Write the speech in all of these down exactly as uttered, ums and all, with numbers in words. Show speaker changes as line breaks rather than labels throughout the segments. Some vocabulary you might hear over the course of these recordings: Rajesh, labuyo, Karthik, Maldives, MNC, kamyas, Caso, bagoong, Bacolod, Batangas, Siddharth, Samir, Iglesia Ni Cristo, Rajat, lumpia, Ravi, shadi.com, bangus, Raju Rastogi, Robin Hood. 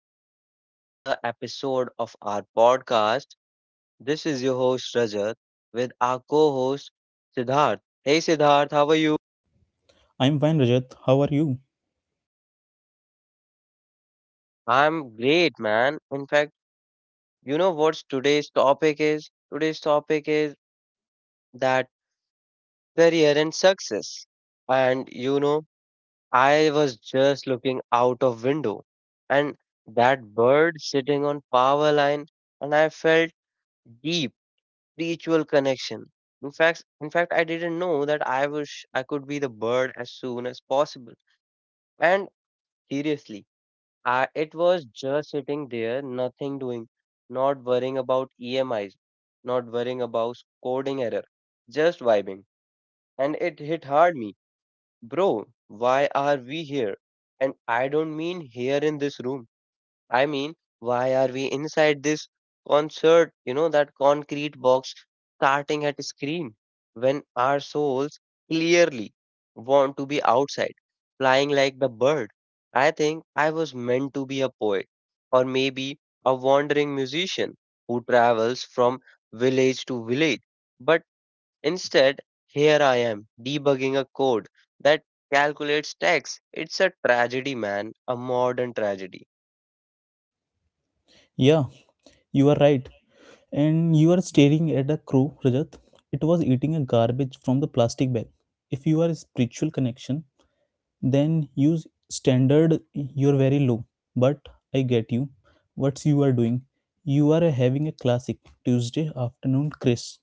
back to another episode of our podcast. This is your host, Rajat, with our co host, Siddharth. Hey, Siddharth, how are you?
I'm fine, Rajat. How are you?
I'm great, man. In fact, you know what today's topic is? Today's topic is that career and success. And you know, I was just looking out of window and that bird sitting on power line and I felt deep spiritual connection. In fact, in fact, I didn't know that I wish I could be the bird as soon as possible. And seriously, I, it was just sitting there, nothing doing, not worrying about E M Is, not worrying about coding error, just vibing. And it hit hard me, bro. Why are we here? And I don't mean here in this room. I mean, why are we inside this concert, you know, that concrete box starting at screen when our souls clearly want to be outside, flying like the bird? I think I was meant to be a poet or maybe a wandering musician who travels from village to village. But instead, here I am debugging a code that calculates tax. It's a tragedy, man, a modern tragedy.
Yeah, you are right. And you are staring at a crow, Rajat. It was eating a garbage from the plastic bag. If you are a spiritual connection, then use standard you're very low. But I get you. What's you are doing? You are having a classic Tuesday afternoon, Chris.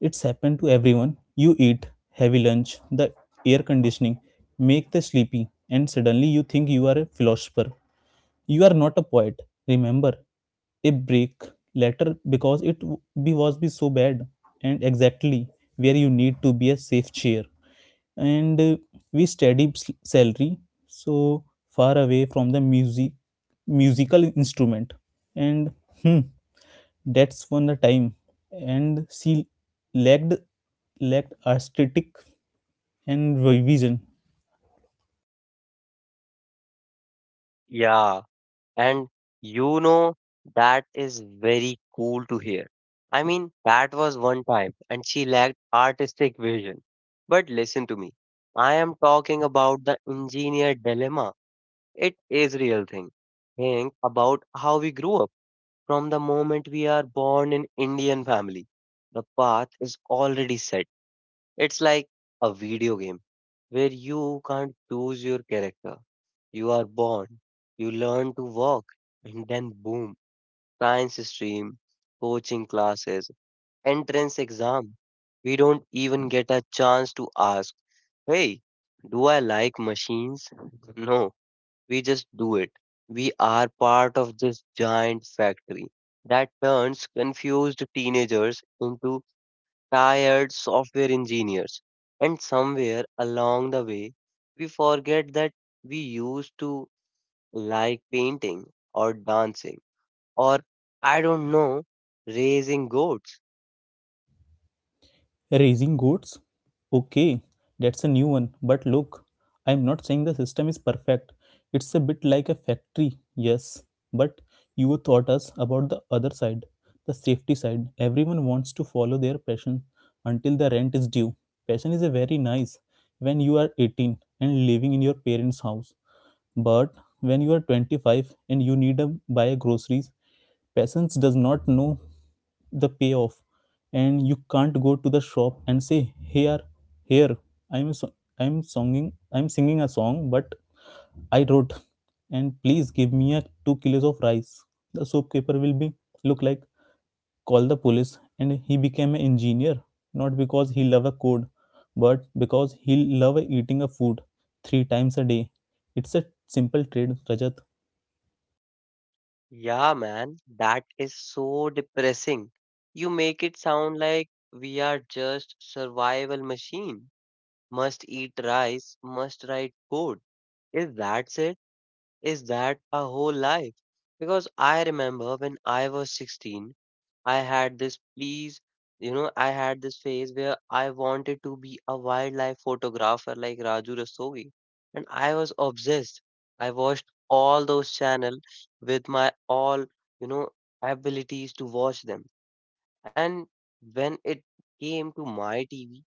It's happened to everyone. You eat heavy lunch, the air conditioning, make the sleepy, and suddenly you think you are a philosopher. You are not a poet. Remember, a break later because it w- be was be so bad and exactly where you need to be a safe chair and uh, we study s- salary so far away from the music musical instrument and That's when the time, and she lacked lacked aesthetic and vision.
Yeah. And you know, that is very cool to hear. I mean, that was one time, and she lacked artistic vision. But listen to me. I am talking about the engineer dilemma. It is real thing. Think about how we grew up. From the moment we are born in Indian family, the path is already set. It's like a video game where you can't choose your character. You are born, you learn to walk, and then boom, science stream, coaching classes, entrance exam. We don't even get a chance to ask, hey, do I like machines? No, we just do it. We are part of this giant factory that turns confused teenagers into tired software engineers. And somewhere along the way, we forget that we used to like painting or dancing or I don't know, raising goats.
Raising goats? Okay, that's a new one. But look, I'm not saying the system is perfect. It's a bit like a factory, yes. But you taught us about the other side, the safety side. Everyone wants to follow their passion until the rent is due. Passion is a very nice when you are eighteen and living in your parents' house. But when you are twenty-five and you need to buy groceries, patience does not know the payoff, and you can't go to the shop and say, here, here, i'm so, i'm singing i'm singing a song but I wrote, and please give me a two kilos of rice. The shopkeeper will be, look like, call the police. And he became an engineer not because he love a code but because he love eating a food three times a day. It's a simple trade, Rajat.
Yeah, man, that is so depressing. You make it sound like we are just survival machine. Must eat rice, must write code. Is that it? Is that our whole life? Because I remember when I was sixteen, I had this please, you know, I had this phase where I wanted to be a wildlife photographer like Raju Rastogi. And I was obsessed. I watched all those channel with my all, you know, abilities to watch them. And when it came to my T V,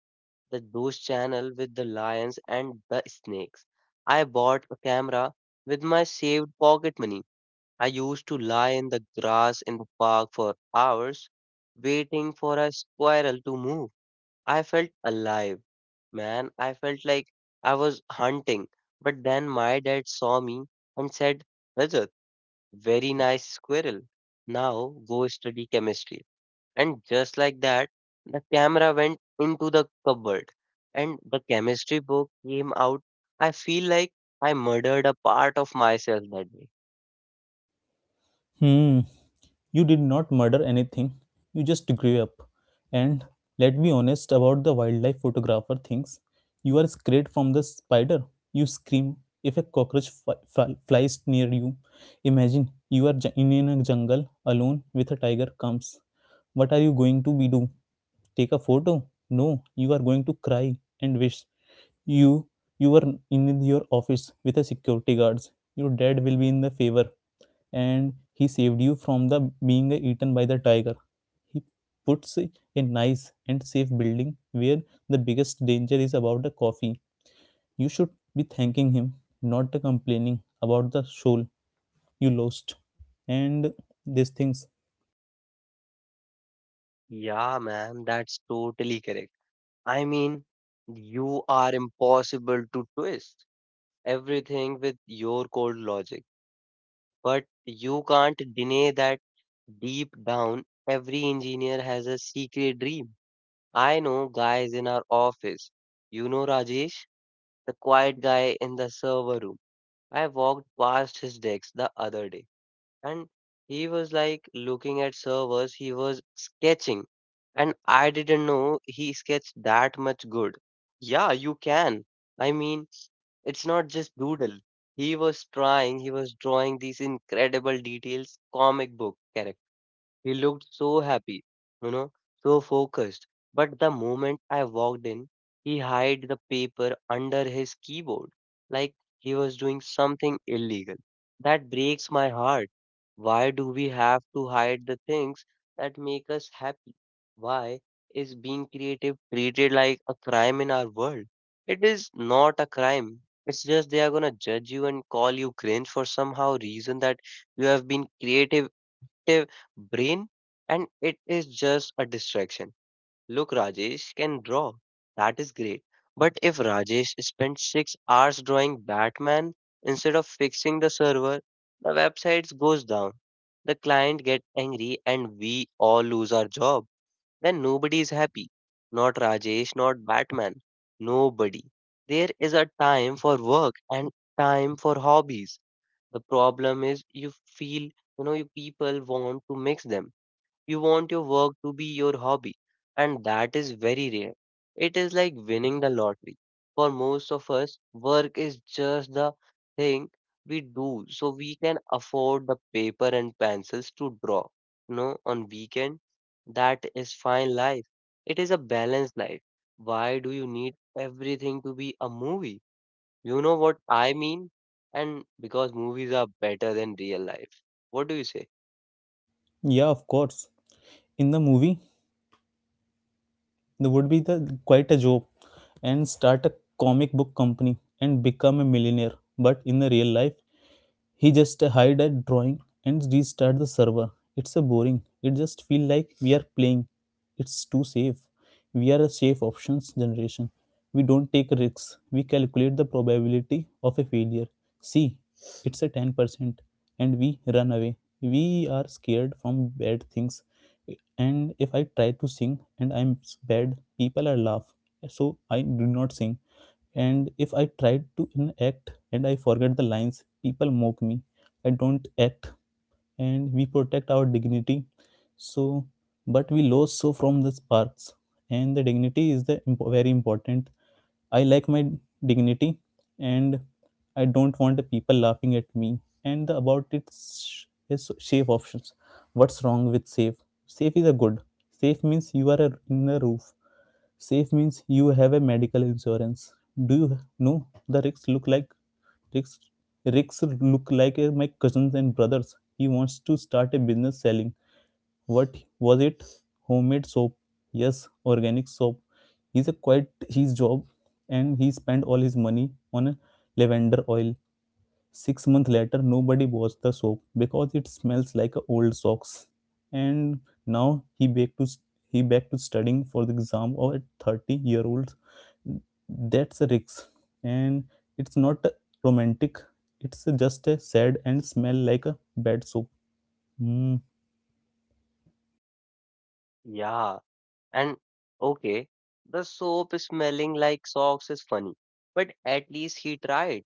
the those channel with the lions and the snakes, I bought a camera with my saved pocket money. I used to lie in the grass in the park for hours, waiting for a squirrel to move. I felt alive, man. I felt like I was hunting. But then my dad saw me and said, Rajat, very nice squirrel. Now go study chemistry. And just like that, the camera went into the cupboard and the chemistry book came out. I feel like I murdered a part of myself that day.
Hmm. You did not murder anything, you just grew up. And let be honest about the wildlife photographer things. You are scared from the spider. You scream if a cockroach fly, flies near you. Imagine you are ju- in a jungle alone with a tiger comes. What are you going to be do? Take a photo? No, you are going to cry and wish you you were in your office with a security guards. Your dad will be in the favor and he saved you from the being eaten by the tiger. He puts a nice and safe building where the biggest danger is about the coffee. You should be thanking him, not complaining about the soul you lost and these things.
Yeah, man, that's totally correct. I mean, you are impossible to twist everything with your cold logic, but you can't deny that deep down, every engineer has a secret dream. I know guys in our office. You know Rajesh, the quiet guy in the server room. I walked past his desk the other day and he was like looking at servers. He was sketching, and I didn't know he sketched that much good. Yeah, you can. I mean, it's not just doodle. He was trying he was drawing these incredible details comic book characters. He looked so happy, you know, so focused. But the moment I walked in, he hid the paper under his keyboard, like he was doing something illegal. That breaks my heart. Why do we have to hide the things that make us happy? Why is being creative treated like a crime in our world? It is not a crime. It's just they are gonna judge you and call you cringe for somehow reason that you have been creative active brain and it is just a distraction. Look, Rajesh can draw. That is great. But if Rajesh spent six hours drawing Batman instead of fixing the server, the website goes down. The client gets angry and we all lose our job. Then nobody is happy. Not Rajesh, not Batman. Nobody. There is a time for work and time for hobbies. The problem is you feel, you know, you people want to mix them. You want your work to be your hobby, and that is very rare. It is like winning the lottery. For most of us, work is just the thing we do so we can afford the paper and pencils to draw. You know, on weekend, that is fine life. It is a balanced life. Why do you need everything to be a movie? You know what I mean? And because movies are better than real life. What do you say?
Yeah, of course. In the movie, they would be the quite a job and start a comic book company and become a millionaire. But in the real life, he just hide a drawing and restart the server. It's a boring. It just feel like we are playing. It's too safe. We are a safe options generation. We don't take risks. We calculate the probability of a failure. See, it's a ten percent, and we run away. We are scared from bad things. And if I try to sing and I'm bad, people are laugh. So I do not sing. And if I try to enact and I forget the lines, people mock me. I don't act, and we protect our dignity. So but we lose so from the sparks, and the dignity is the imp- very important. I like my dignity, and I don't want the people laughing at me and the, about its is safe options. What's wrong with safe? Safe is a good. Safe means you are a, in a roof. Safe means you have a medical insurance. Do you know the risks look like? Rex, Rex look like uh, my cousins and brothers. He wants to start a business selling. What was it? Homemade soap. Yes, organic soap. He's a quite his job, and he spent all his money on a lavender oil. Six months later, nobody washed the soap because it smells like a old socks. And now he back to he back to studying for the exam of a thirty year old. That's a risk, and it's not romantic. It's just a sad and smell like a bad soap. Mm,
Yeah. And okay, the soap smelling like socks is funny, but at least he tried.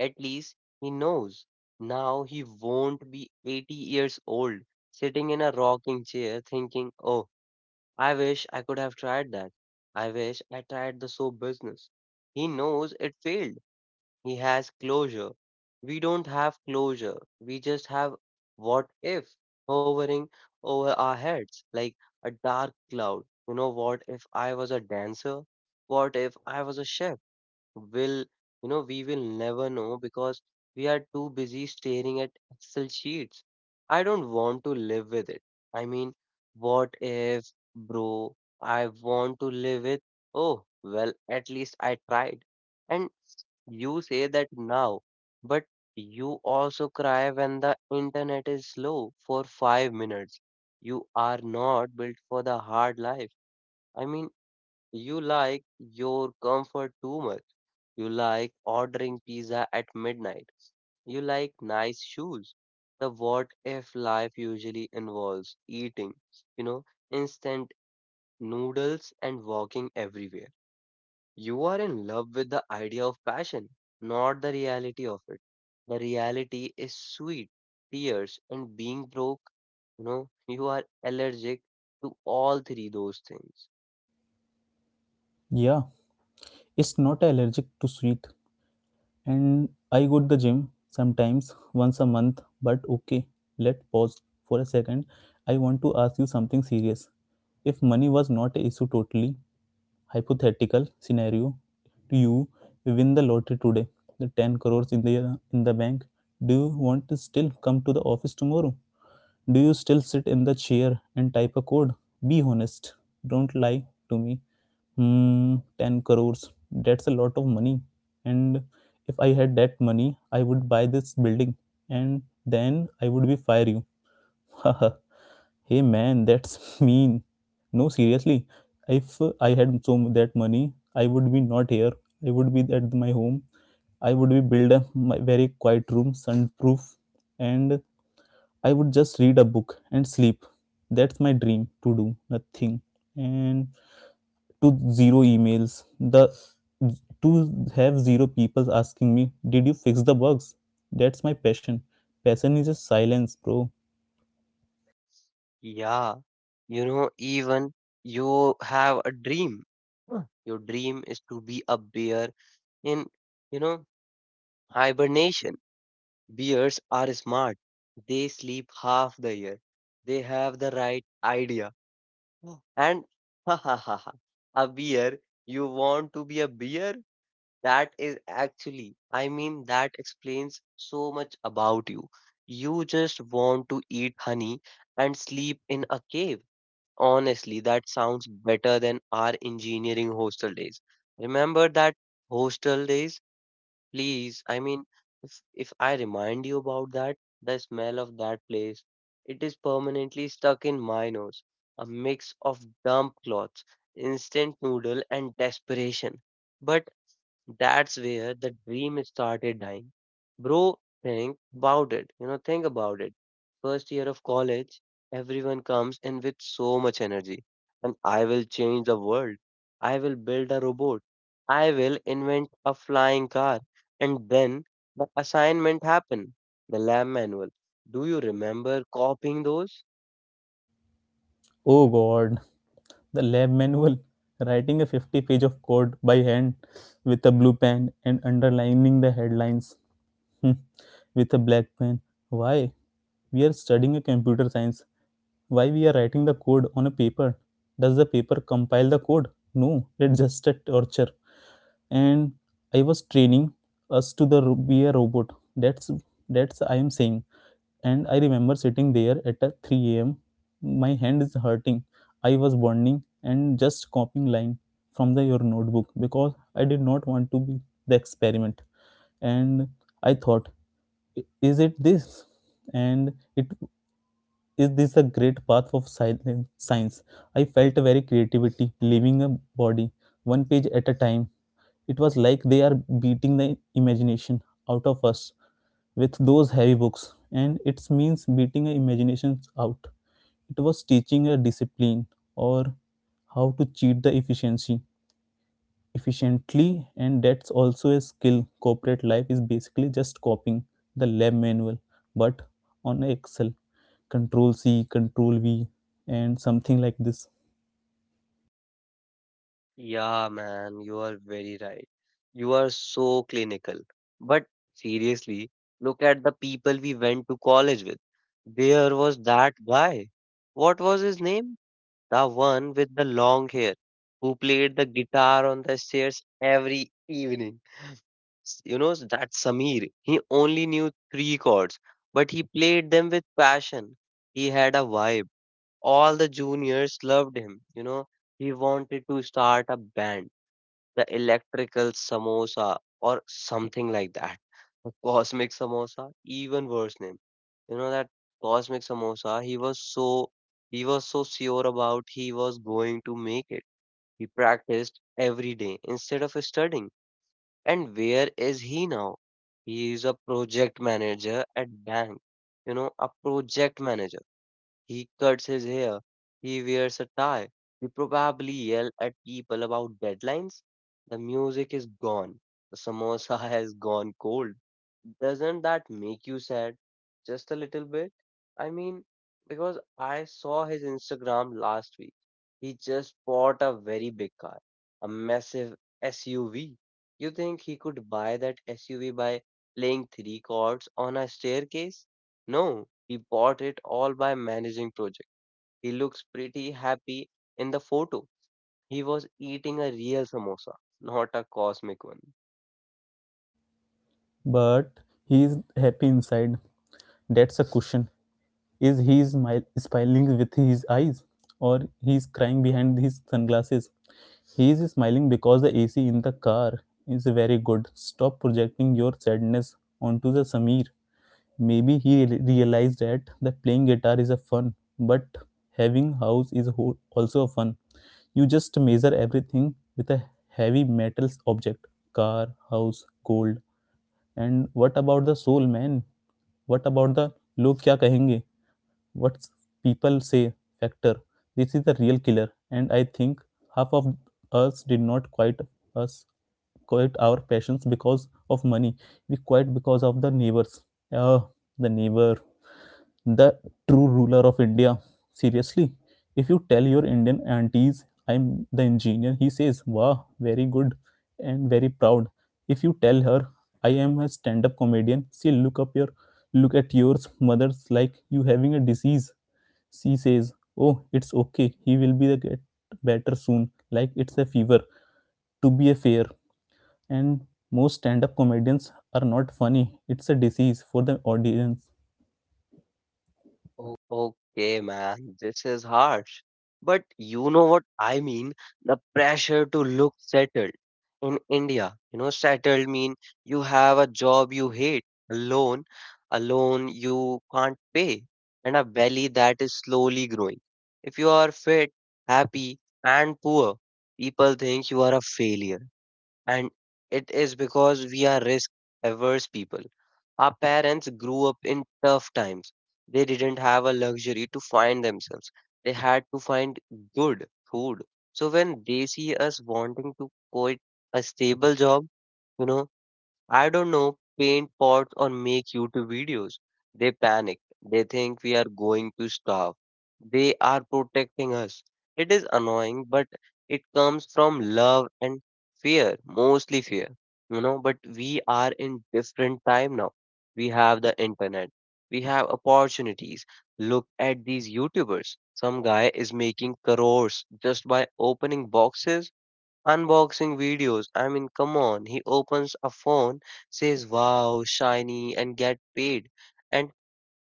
At least he knows. Now he won't be eighty years old, sitting in a rocking chair thinking, oh, I wish I could have tried that. I wish I tried the soap business. He knows it failed. He has closure. We don't have closure. We just have what if hovering over our heads like a dark cloud. You know, what if I was a dancer? What if I was a chef? Will, you know, we will never know because we are too busy staring at excel sheets. I don't want to live with it. I mean, what if, bro? I want to live with, oh well, at least I tried. And you say that now, but you also cry when the internet is slow for five minutes. You are not built for the hard life. I mean, you like your comfort too much. You like ordering pizza at midnight. You like nice shoes. The what if life usually involves eating, you know, instant noodles and walking everywhere. You are in love with the idea of passion, not the reality of it. The reality is sweet, tears, and being broke. You know, you are allergic to all three those things.
yeah, it's not allergic to sweet. And I go to the gym sometimes once a month. But okay, let pause for a second. I want to ask you something serious. If money was not a issue, totally hypothetical scenario, do you win the lottery today, the ten crores in the in the bank? Do you want to still come to the office tomorrow? Do you still sit in the chair and type a code? Be honest. Don't lie to me. Hmm, ten crores. That's a lot of money. And if I had that money, I would buy this building and then I would be fire you. Hey man, that's mean. No, seriously. If I had so that money, I would be not here. I would be at my home. I would be build a my very quiet room, sunproof, and I would just read a book and sleep. That's my dream, to do nothing. And to zero emails, the to have zero people asking me, did you fix the bugs? That's my passion. Passion is just silence, bro.
Yeah, you know, even you have a dream. Huh. Your dream is to be a bear in, you know, hibernation. Bears are smart. They sleep half the year. They have the right idea. Huh. And ha ha ha ha, a bear, you want to be a bear? That is actually, I mean, that explains so much about you. You just want to eat honey and sleep in a cave. Honestly, that sounds better than our engineering hostel days. Remember that hostel days? Please, I mean, if, if I remind you about that, the smell of that place, it is permanently stuck in my nose. A mix of damp clothes, instant noodle, and desperation. But that's where the dream started dying. Bro, think about it. You know, think about it. First year of college, everyone comes in with so much energy. And I will change the world. I will build a robot. I will invent a flying car. And then the assignment happened. The lab manual. Do you remember copying those?
Oh god, the lab manual, writing a fifty page of code by hand with a blue pen and underlining the headlines, hmm, with a black pen. Why? We are studying a computer science. Why we are writing the code on a paper? Does the paper compile the code? No, it's just a torture. And I was training us to the ro- be a robot. That's that's I am saying. And I remember sitting there at uh, three a m. My hand is hurting. I was burning and just copying line from the your notebook because I did not want to be the experiment. And I thought, "I- is it this? And it is this a great path of silen- science? I felt very creativity, living a body, one page at a time. It was like they are beating the imagination out of us with those heavy books, and it means beating the imagination out. It was teaching a discipline or how to cheat the efficiency efficiently, and that's also a skill. Corporate life is basically just copying the lab manual but on excel, control c, control v, and something like this.
Yeah, man, you are very right. You are so clinical. But seriously, look at the people we went to college with. There was that guy. What was his name? The one with the long hair who played the guitar on the stairs every evening. S- You know, that Samir. He only knew three chords, but he played them with passion. He had a vibe. All the juniors loved him. You know, he wanted to start a band, the electrical samosa or something like that. The cosmic samosa, even worse name. You know that cosmic samosa, he was so he was so sure about he was going to make it. He practiced every day instead of studying. And where is he now? He is a project manager at bank. You know, a project manager. He cuts his hair. He wears a tie. We probably yell at people about deadlines. The music is gone. The samosa has gone cold. Doesn't that make you sad? Just a little bit? I mean, because I saw his Instagram last week. He just bought a very big car, a massive S U V. You think he could buy that S U V by playing three chords on a staircase? No, he bought it all by managing project. He looks pretty happy in the photo. He was eating a real samosa, not a cosmic one.
But he is happy inside. That's a cushion. Is he smil- smiling with his eyes or he is crying behind his sunglasses? He is smiling because the A C in the car is very good. Stop projecting your sadness onto the Sameer. Maybe he realized that the playing guitar is a fun, but having house is also a fun. You just measure everything with a heavy metals object, car, house, gold. And what about the soul, man? What about the लोग क्या कहेंगे, what people say factor. This is the real killer, and I think half of us did not quite us quit our passions because of money. We quit because of the neighbors. Ah, the neighbor, the true ruler of India. Seriously, if you tell your Indian aunties, I'm the engineer, he says, wow, very good and very proud. If you tell her, I am a stand up comedian, she'll look up your look at yours mother's like you having a disease. She says, oh, it's okay, he will be the get better soon, like it's a fever, to be a fair. And most stand up comedians are not funny, it's a disease for the audience.
Okay, man, this is harsh. But you know what I mean? The pressure to look settled. In India, you know, settled mean you have a job you hate, a loan, a loan you can't pay, and a belly that is slowly growing. If you are fit, happy, and poor, people think you are a failure. And it is because we are risk averse people. Our parents grew up in tough times. They didn't have a luxury to find themselves. They had to find good food. So when they see us wanting to quit a stable job, you know I don't know, paint pots or make YouTube videos. They panic. They think we are going to starve. They are protecting us. It is annoying, but it comes from love and fear, mostly fear, you know. But we are in different time now. We have the internet. We have opportunities. Look at these YouTubers. Some guy is making crores just by opening boxes. Unboxing videos. I mean, come on. He opens a phone, says, wow, shiny, and get paid. And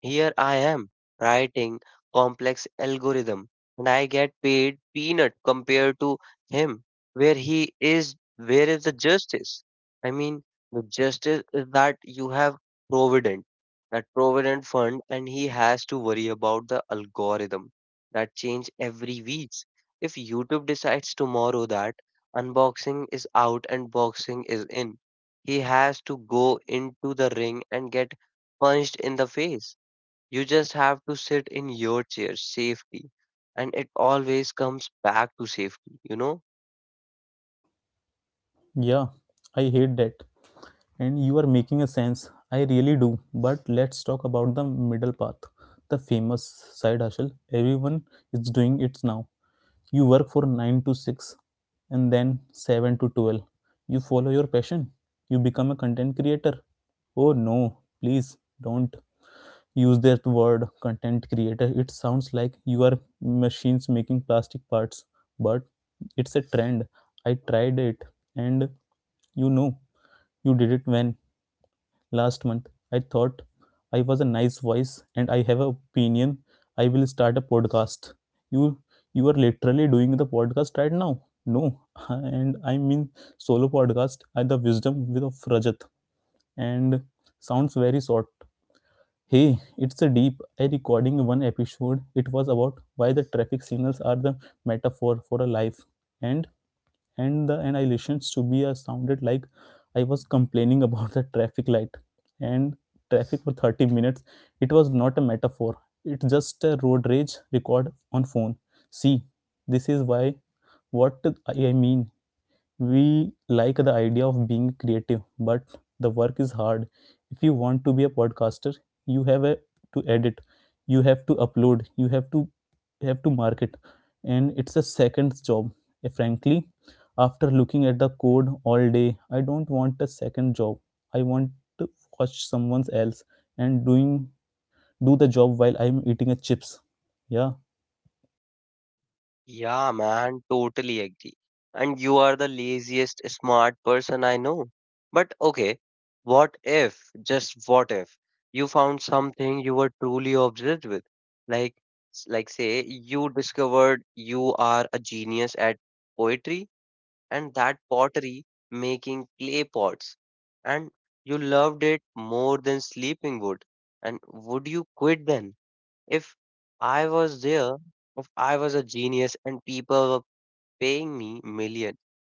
here I am writing complex algorithm and I get paid peanut compared to him where he is where is the justice? I mean the justice is that you have provident that provident fund and he has to worry about the algorithm that change every week. If YouTube decides tomorrow that unboxing is out and boxing is in, he has to go into the ring and get punched in the face. You just have to sit in your chair, safety. And it always comes back to safety, you know?
Yeah, I hate that. And you are making a sense. I really do. But let's talk about the middle path, the famous side hustle. Everyone is doing it now. You work for nine to six and then seven to twelve. You follow your passion. You become a content creator. Oh no, please don't use that word, content creator. It sounds like you are machines making plastic parts. But it's a trend. I tried it. And you know, you did it when? Last month I thought I was a nice voice and I have an opinion. I will start a podcast. you you are literally doing the podcast right now. No, and I mean, solo podcast, I the wisdom with of Rajat. And sounds very short. Hey, it's a deep. I recording one episode. It was about why the traffic signals are the metaphor for a life, and and the annihilations to be uh, sounded like I was complaining about the traffic light and traffic for thirty minutes. It was not a metaphor. It's just a road rage record on phone. See, this is why, what I mean, we like the idea of being creative, but the work is hard. If you want to be a podcaster, you have a, to edit, you have to upload, you have to have to market, and it's a second job. Eh, frankly, after looking at the code all day, I don't want a second job. I want to watch someone else and doing do the job while I'm eating a chips. Yeah,
Yeah, man, totally agree. And you are the laziest smart person I know. But okay, what if, just what if, you found something you were truly obsessed with? Like, like say you discovered you are a genius at poetry and that pottery making clay pots and you loved it more than sleeping would. And would you quit then? If I was there, if I was a genius and people were paying me million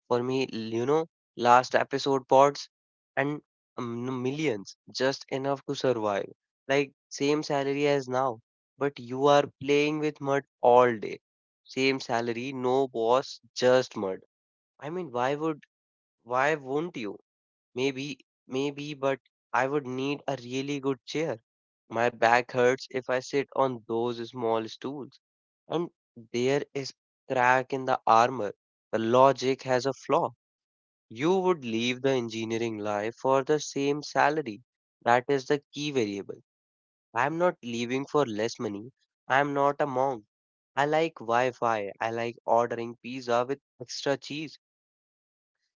for me, you know, last episode pods and um, no, millions, just enough to survive. Like same salary as now, but you are playing with mud all day. Same salary, no boss, just mud. I mean, why would why won't you? Maybe, maybe, but I would need a really good chair. My back hurts if I sit on those small stools. And there is crack in the armor. The logic has a flaw. You would leave the engineering life for the same salary. That is the key variable. I am not leaving for less money. I am not a monk. I like Wi Fi. I like ordering pizza with extra cheese.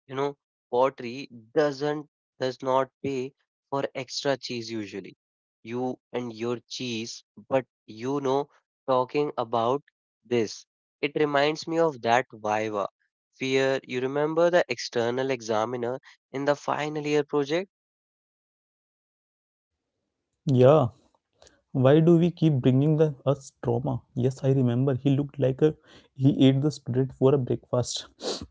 You know, pottery doesn't does not pay for extra cheese usually. You and your cheese, but you know, talking about this, it reminds me of that Viva fear. You remember the external examiner in the final year project?
yeah. Why do we keep bringing the us trauma? Yes, I remember. He looked like a he ate the student for a breakfast.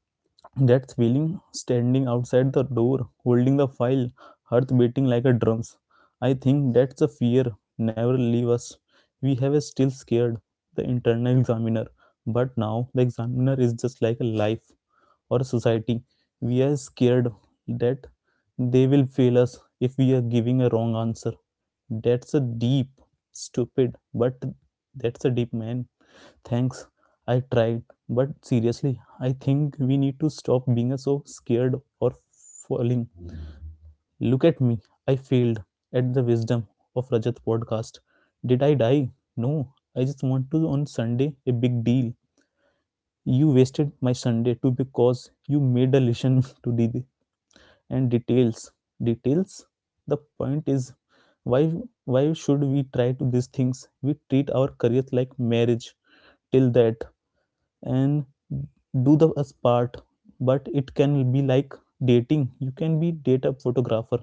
That feeling standing outside the door, holding the file, heart beating like a drums. I think that's a fear. Never leave us. We have a still scared the internal examiner, but now the examiner is just like a life or society we are scared that they will fail us if we are giving a wrong answer that's a deep stupid but that's a deep man. Thanks, I tried. But seriously, I think we need to stop being so scared or falling. Look at me, I failed at the wisdom of Rajat podcast. Did I die? No. I just want to on Sunday a big deal. You wasted my Sunday too because you made a listen to the and details details the point is why why should we try to these things we treat our career like marriage till that and do the us part. But it can be like dating. You can be date a photographer.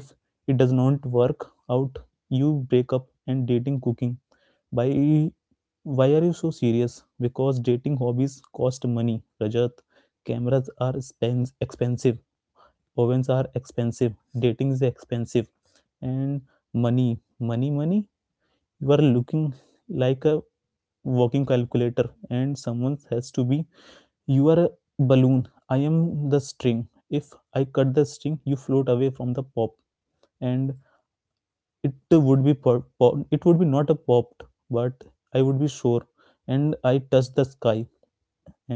If it does not work out, you break up and dating cooking. Why, why are you so serious? Because dating hobbies cost money, Rajat. Cameras are spends expensive, ovens are expensive, dating is expensive, and money money money you are looking like a working calculator and someone has to be you are a balloon. I am the string. If I cut the string you float away from the pop and it would be pop, pop, it would be not a popped but I would be sure and I touch the sky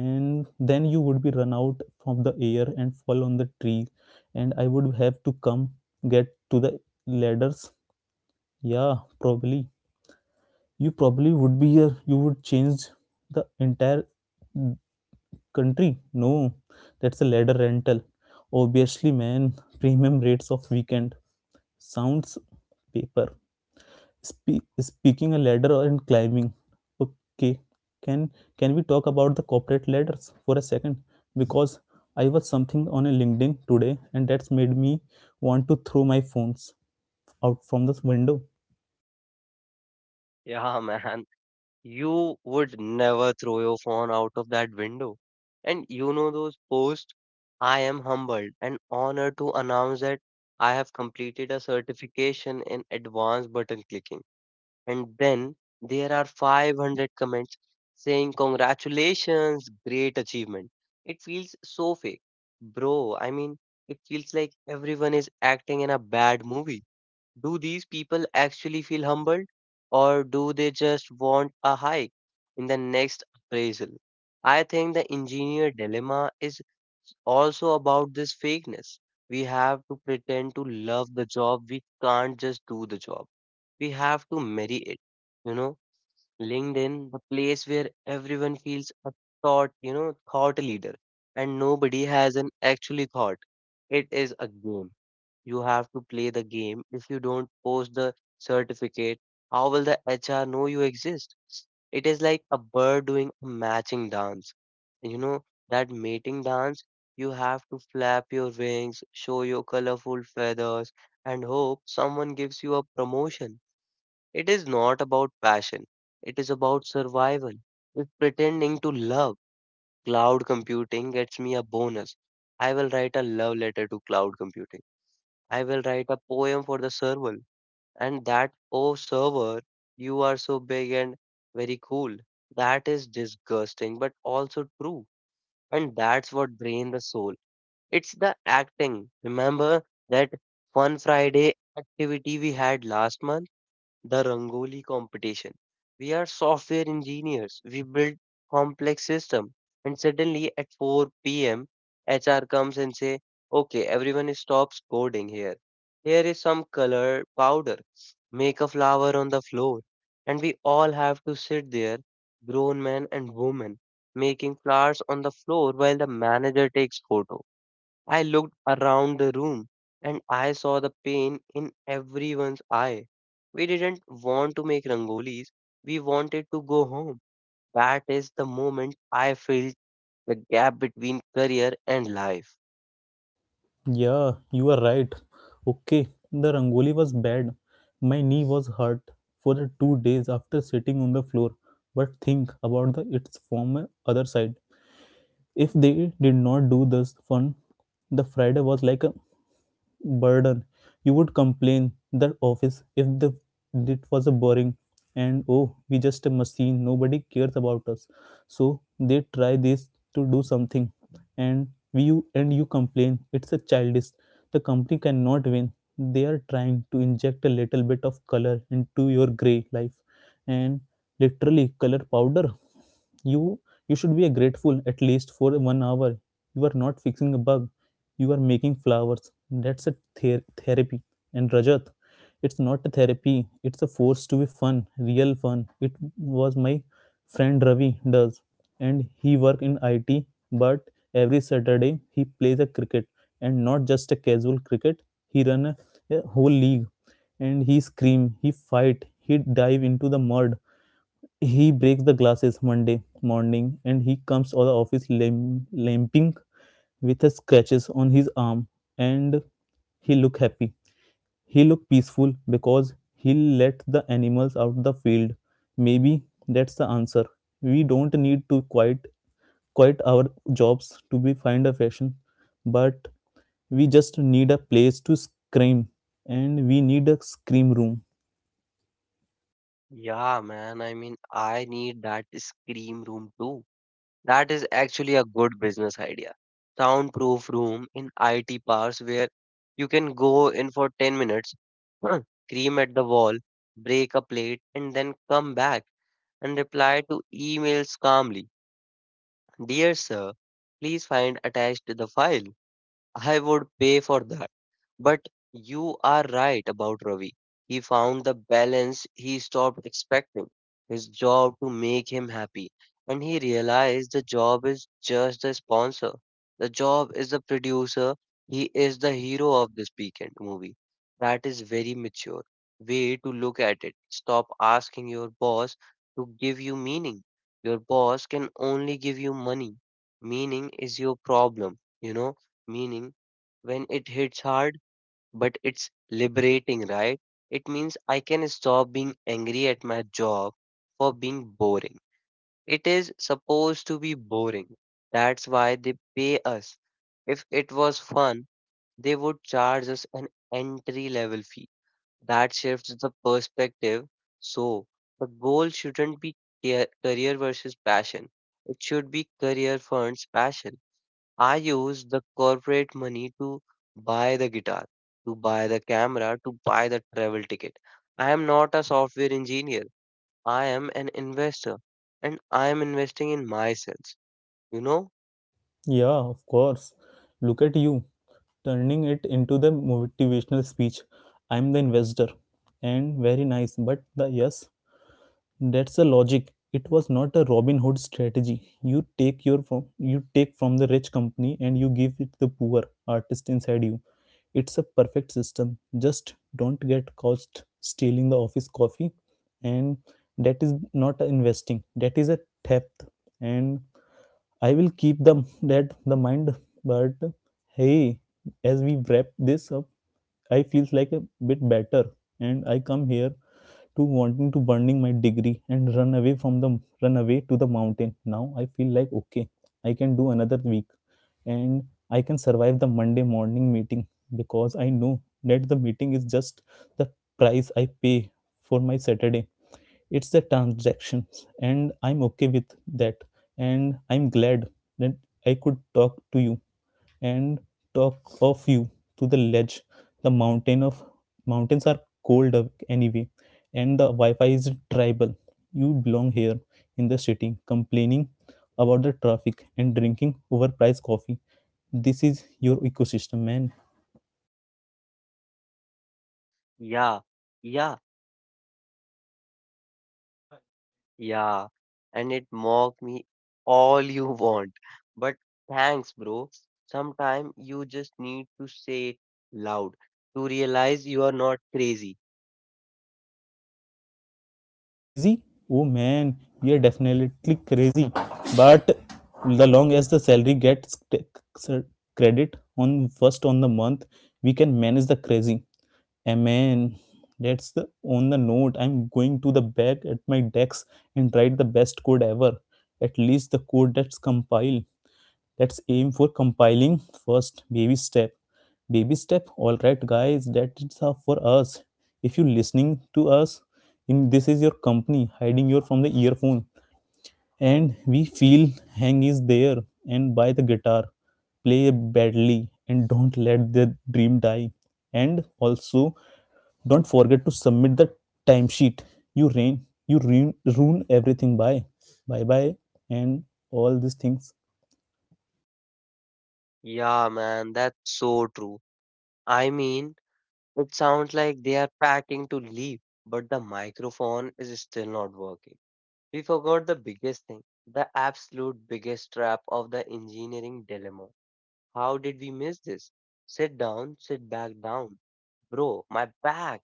and then you would be run out from the air and fall on the tree and I would have to come get to the ladders. Yeah, probably. You probably would be here, you would change the entire country. No, that's a ladder rental, obviously, man. Premium rates of weekend sounds paper. Spe- speaking a ladder or and climbing. Okay, can can we talk about the corporate ladders for a second? Because I was something on a LinkedIn today and that's made me want to throw my phones out from the window.
Yeah, man. You would never throw your phone out of that window. And you know those posts? I am humbled and honored to announce that I have completed a certification in advanced button clicking. And then there are five hundred comments saying, Congratulations, great achievement. It feels so fake. Bro, I mean, it feels like everyone is acting in a bad movie. Do these people actually feel humbled, or do they just want a hike in the next appraisal? I think the engineer dilemma is also about this fakeness. We have to pretend to love the job. We can't just do the job. We have to marry it. You know, LinkedIn, the place where everyone feels a thought, you know, thought leader, and nobody has an actually thought. It is a game. You have to play the game. If you don't post the certificate, how will the H R know you exist? It is like a bird doing a matching dance. You know, that mating dance, you have to flap your wings, show your colorful feathers, and hope someone gives you a promotion. It is not about passion, it is about survival. If pretending to love cloud computing gets me a bonus, I will write a love letter to cloud computing. I will write a poem for the server. And that, oh server, you are so big and very cool. That is disgusting, but also true. And that's what drains the soul. It's the acting. Remember that fun Friday activity we had last month? The Rangoli competition. We are software engineers. We build complex system. And suddenly at four p m, H R comes and say, okay, everyone stops coding here. Here is some color powder. Make a flower on the floor. And we all have to sit there, grown men and women, making flowers on the floor while the manager takes photo. I looked around the room and I saw the pain in everyone's eye. We didn't want to make rangolis, we wanted to go home. That is the moment I felt the gap between career and life.
Yeah, you are right. Okay, the rangoli was bad, my knee was hurt for the two days after sitting on the floor. But think about the its former other side. If they did not do this fun, the Friday was like a burden. You would complain the office if the it was a boring and oh we just a machine nobody cares about us. So they try this to do something and we you and you complain it's a childish. The company cannot win. They are trying to inject a little bit of color into your gray life, and literally color powder. You you should be grateful at least for one hour. You are not fixing a bug, you are making flowers. That's a ther- therapy. And Rajat, it's not a therapy, it's a force to be fun. Real fun it was my friend Ravi does, and he work in IT. But every Saturday he plays a cricket, and not just a casual cricket. He run a, a whole league, and he scream he fight he dive into the mud. He breaks the glasses Monday morning and he comes to the office lim- limping with the scratches on his arm. And he look happy, he look peaceful because he let the animals out the field. Maybe that's the answer. We don't need to quite quite our jobs to be find a fashion, but we just need a place to scream. And we need a scream room.
Yeah, man, I mean, I need that scream room too. That is actually a good business idea. Soundproof room in I T parks where you can go in for ten minutes, scream at the wall, break a plate, and then come back and reply to emails calmly. Dear sir, please find attached the file. I would pay for that. But you are right about Ravi. He found the balance he stopped expecting his job to make him happy. And he realized the job is just the sponsor. The job is the producer. He is the hero of this weekend movie. That is very mature way to look at it. Stop asking your boss to give you meaning. Your boss can only give you money. Meaning is your problem, you know meaning when it hits hard, but it's liberating, right? It means I can stop being angry at my job for being boring. It is supposed to be boring. That's why they pay us. If it was fun, they would charge us an entry level fee. That shifts the perspective. So, the goal shouldn't be ca- career versus passion, it should be career funds passion. I used the corporate money to buy the guitar, to buy the camera, to buy the travel ticket. I am not a software engineer. I am an investor and I am investing in myself. You know?
Yeah, of course. Look at you turning it into the motivational speech. I'm the investor, and very nice but the yes. That's the logic. It was not a Robin Hood strategy. You take your from you take from the rich company and you give it the poor artist inside you. It's a perfect system. Just don't get caught stealing the office coffee, and that is not investing. That is a theft. And I will keep them that the mind. But hey, as we wrap this up, I feels like a bit better, and I come here to wanting to burning my degree and run away from the run away to the mountain. Now I feel like okay, I can do another week, and I can survive the Monday morning meeting because I know that the meeting is just the price I pay for my Saturday. It's the transactions and I'm okay with that. And I'm glad that I could talk to you and talk of you to the ledge. The mountain of mountains are cold up anyway, and the wi-fi is tribal. You belong here in the city complaining about the traffic and drinking overpriced coffee. This is your ecosystem, man.
Yeah. Yeah. Yeah, and it mock me all you want. But thanks, bro. Sometime you just need to say it loud to realize you are not crazy.
Crazy? Oh man, we are definitely crazy. But the long as the salary gets t- credit on first on the month, we can manage the crazy. Amen. That's the on the note. I'm going to the back at my decks and write the best code ever. At least the code that's compile. Let's aim for compiling first. Baby step. Baby step. All right, guys, that is all for us. If you're listening to us, in this is your company hiding your from the earphone and we feel hang is there. And buy the guitar, play badly and don't let the dream die. And also, don't forget to submit the timesheet. You rain you ruin, ruin everything. Bye bye, bye and all these things.
Yeah, man, that's so true. I mean, it sounds like they are packing to leave, but the microphone is still not working. We forgot the biggest thing, the absolute biggest trap of the engineering dilemma. How did we miss this? Sit down, sit back down. Bro, my back.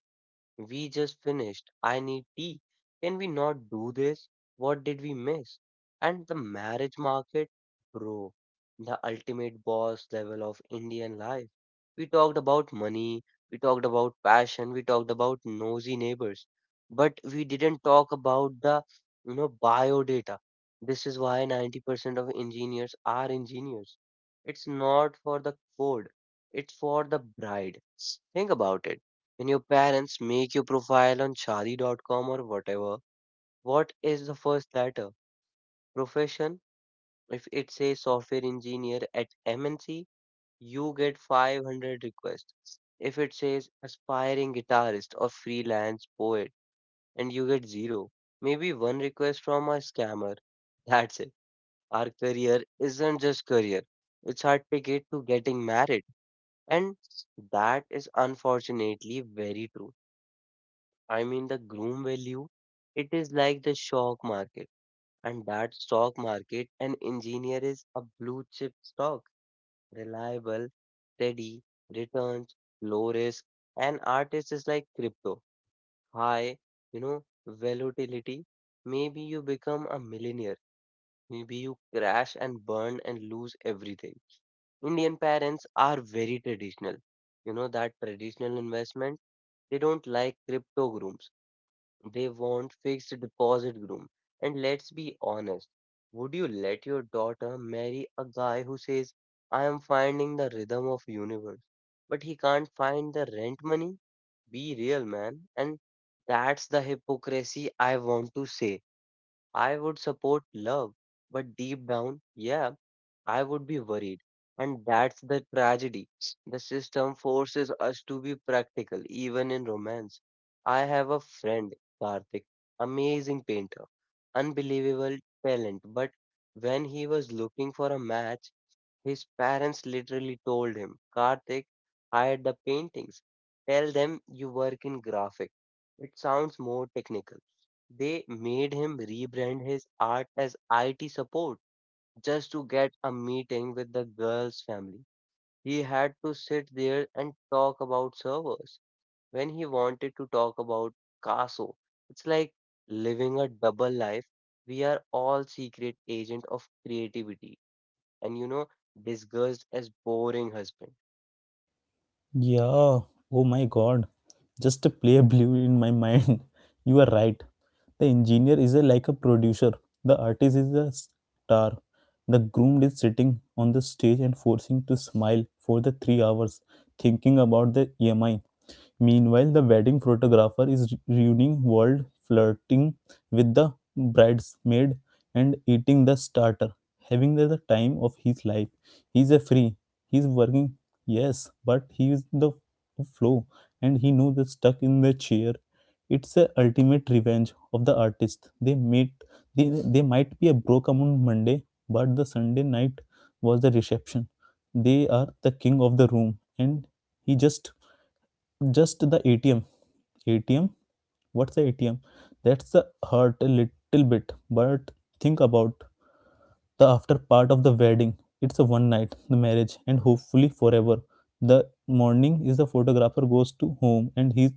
We just finished. I need tea. Can we not do this? What did we miss? And the marriage market, bro, the ultimate boss level of Indian life. We talked about money, we talked about passion, we talked about nosy neighbors, but we didn't talk about the, you know, bio data. This is why ninety percent of engineers are engineers. It's not for the code, it's for the bride. Think about it. When your parents make your profile on shadi dot com or whatever, what is the first letter? Profession? If it says software engineer at M N C, you get five hundred requests. If it says aspiring guitarist or freelance poet, and you get zero. Maybe one request from a scammer. That's it. Our career isn't just career. It's our ticket to getting married. And that is unfortunately very true. I mean, the groom value, it is like the stock market. And that stock market, an engineer is a blue chip stock, reliable, steady, returns, low risk. An artist is like crypto, high, you know, volatility. Maybe you become a millionaire. Maybe you crash and burn and lose everything. Indian parents are very traditional. You know, that traditional investment, they don't like crypto grooms they want fixed deposit groom. And let's be honest, would you let your daughter marry a guy who says, I am finding the rhythm of universe, but he can't find the rent money? Be real, man. And that's the hypocrisy I want to say. I would support love, but deep down, yeah, I would be worried. And that's the tragedy. The system forces us to be practical, even in romance. I have a friend, Karthik, amazing painter, unbelievable talent. But when he was looking for a match, his parents literally told him, Karthik, hide the paintings. Tell them you work in graphic. It sounds more technical. They made him rebrand his art as I T support just to get a meeting with the girl's family. He had to sit there and talk about servers when he wanted to talk about Caso. It's like living a double life. We are all secret agent of creativity and you know, disguised as boring husband.
Yeah. Oh my God. Just a play blue in my mind. You are right. The engineer is a, like a producer. The artist is a star. The groom is sitting on the stage and forcing to smile for the three hours, thinking about the E M I. Meanwhile, the wedding photographer is ruining world, flirting with the bridesmaid and eating the starter, having the the time of his life. He's a free. He's working. Yes, but he is in the flow and he knew the stuck in the chair. It's a ultimate revenge of the artist. They made they, they might be a broke on Monday, but the Sunday night was the reception. They are the king of the room and he just just the A T M. A T M? What's the A T M? That's the hurt a little bit, but think about the after part of the wedding. It's a one night, the marriage, and hopefully forever. The morning is the photographer goes to home and he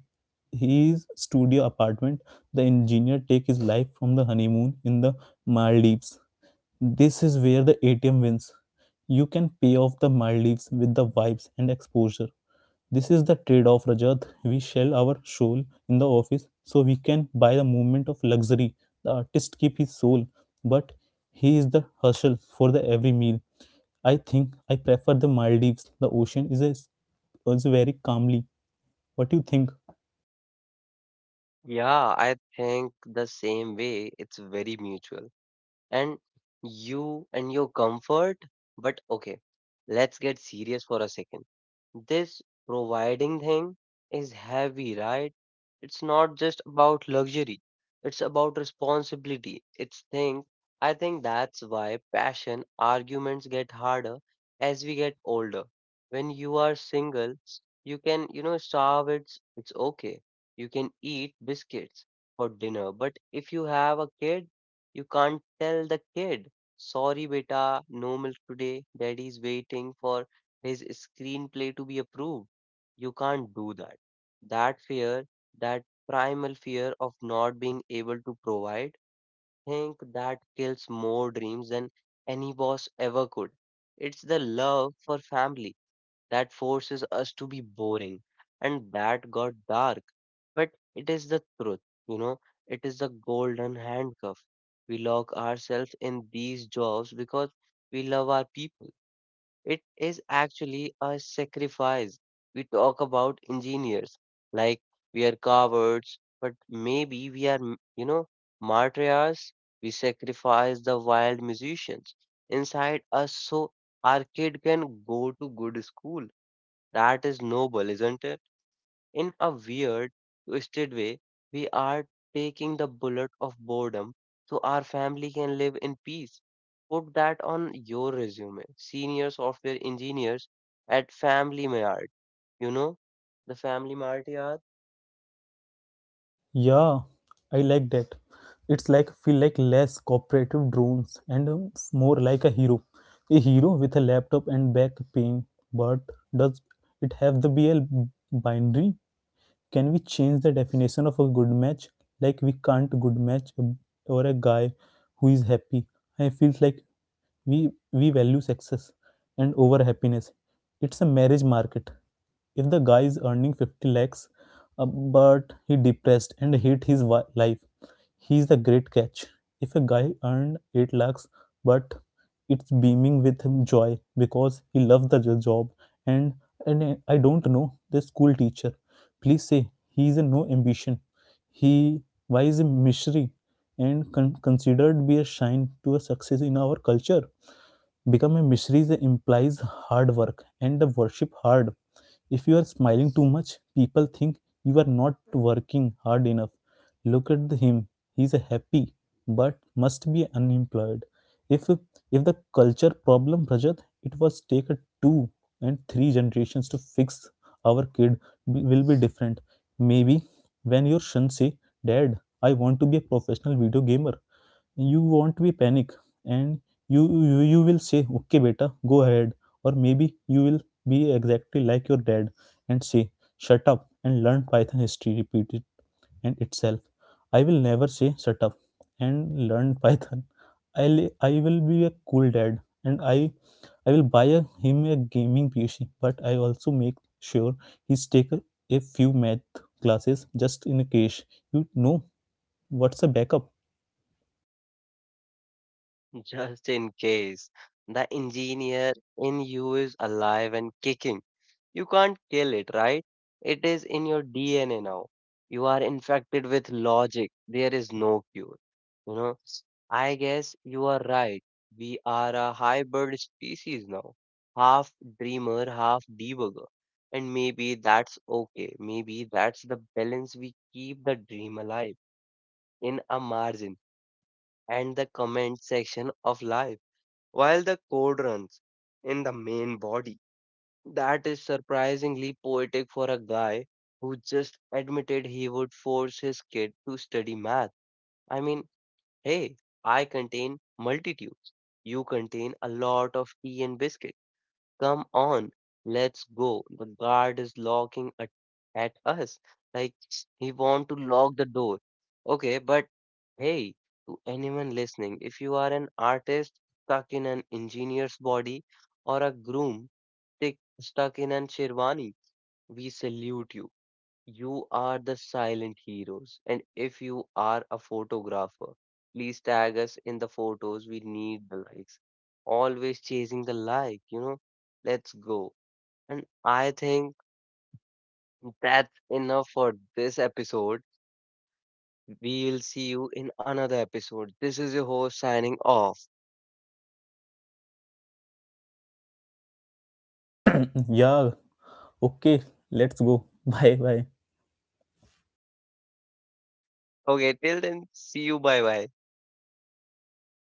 his studio apartment. The engineer take his life from the honeymoon in the Maldives. This is where the A T M wins. You can pay off the Maldives with the vibes and exposure. This is the trade off, Rajat. We sell our soul in the office so we can buy the moment of luxury. The artist keep his soul, but he is the hustle for the every meal. I think I prefer the Maldives. The ocean is a, is very calmly. What do you think?
Yeah, I think the same way. It's very mutual. And you and your comfort. But okay, let's get serious for a second. This providing thing is heavy, right? It's not just about luxury, it's about responsibility. It's thing. I think that's why passion arguments get harder as we get older. When you are single, you can, you know, starve, it's, it's okay. You can eat biscuits for dinner. But if you have a kid, you can't tell the kid, sorry, beta, no milk today. Daddy's waiting for his screenplay to be approved. You can't do that. That fear, that primal fear of not being able to provide, think that kills more dreams than any boss ever could. It's the love for family that forces us to be boring. And that got dark. But it is the truth, you know, it is the golden handcuff. We lock ourselves in these jobs because we love our people. It is actually a sacrifice. We talk about engineers like we are cowards, but maybe we are, m- you know, martyrs. We sacrifice the wild musicians inside us so our kid can go to good school that is noble, isn't it? In a weird, twisted way, we are taking the bullet of boredom so our family can live in peace. Put that on your resume. Senior software engineers at Family Mart, you know, the Family Mart yeah.
Yeah, I like that. It's like feel like less cooperative drones and um, more like a hero. A hero with a laptop and back pain. But does it have the B L binary? Can we change the definition of a good match? Like we can't good match a- or a guy who is happy. I feel like we we value success and over happiness. It's a marriage market. If the guy is earning fifty lakhs uh, but he depressed and hate his wi- life, he's the great catch. If a guy earned eight lakhs but it's beaming with him joy because he loves the jo- job and and I don't know the school teacher. Please say he is a no ambition. He why is a mystery and con- considered be a shine to a success in our culture. Become a mystery implies hard work and the worship hard. If you are smiling too much, people think you are not working hard enough. Look at him, he is happy but must be unemployed. If if the culture problem, Rajat, it was take a two and three generations to fix. Our kid will be different. Maybe when your son say, "Dad, I want to be a professional video gamer," you won't be panic, and you you, you will say, "Okay, beta, go ahead." Or maybe you will be exactly like your dad and say, "Shut up and learn Python history repeat, and itself." I will never say shut up and learn Python. I'll, I will be a cool dad and I I will buy a, him a gaming P C, but I also make sure he's take a, a few math classes just in case. You know what's a backup?
Just in case the engineer in you is alive and kicking. You can't kill it, right? It is in your D N A now. You are infected with logic. There is no cure. You know, I guess you are right. We are a hybrid species now. Half dreamer, half debugger. And maybe that's okay. Maybe that's the balance we keep the dream alive in a margin and the comment section of life while the code runs in the main body. That is surprisingly poetic for a guy who just admitted he would force his kid to study math. I mean, hey, I contain multitudes. You contain a lot of tea and biscuits. Come on, let's go. The guard is looking at, at us like he want to lock the door. Okay, but hey, to anyone listening, if you are an artist stuck in an engineer's body or a groom stick, stuck in an sherwani, we salute you. You are the silent heroes. And if you are a photographer, please tag us in the photos. We need the likes. Always chasing the like, you know. Let's go. And I think that's enough for this episode. We will see you in another episode. This is your host signing off.
Yeah, okay, let's go. Bye bye.
Okay, till then, see you. Bye bye.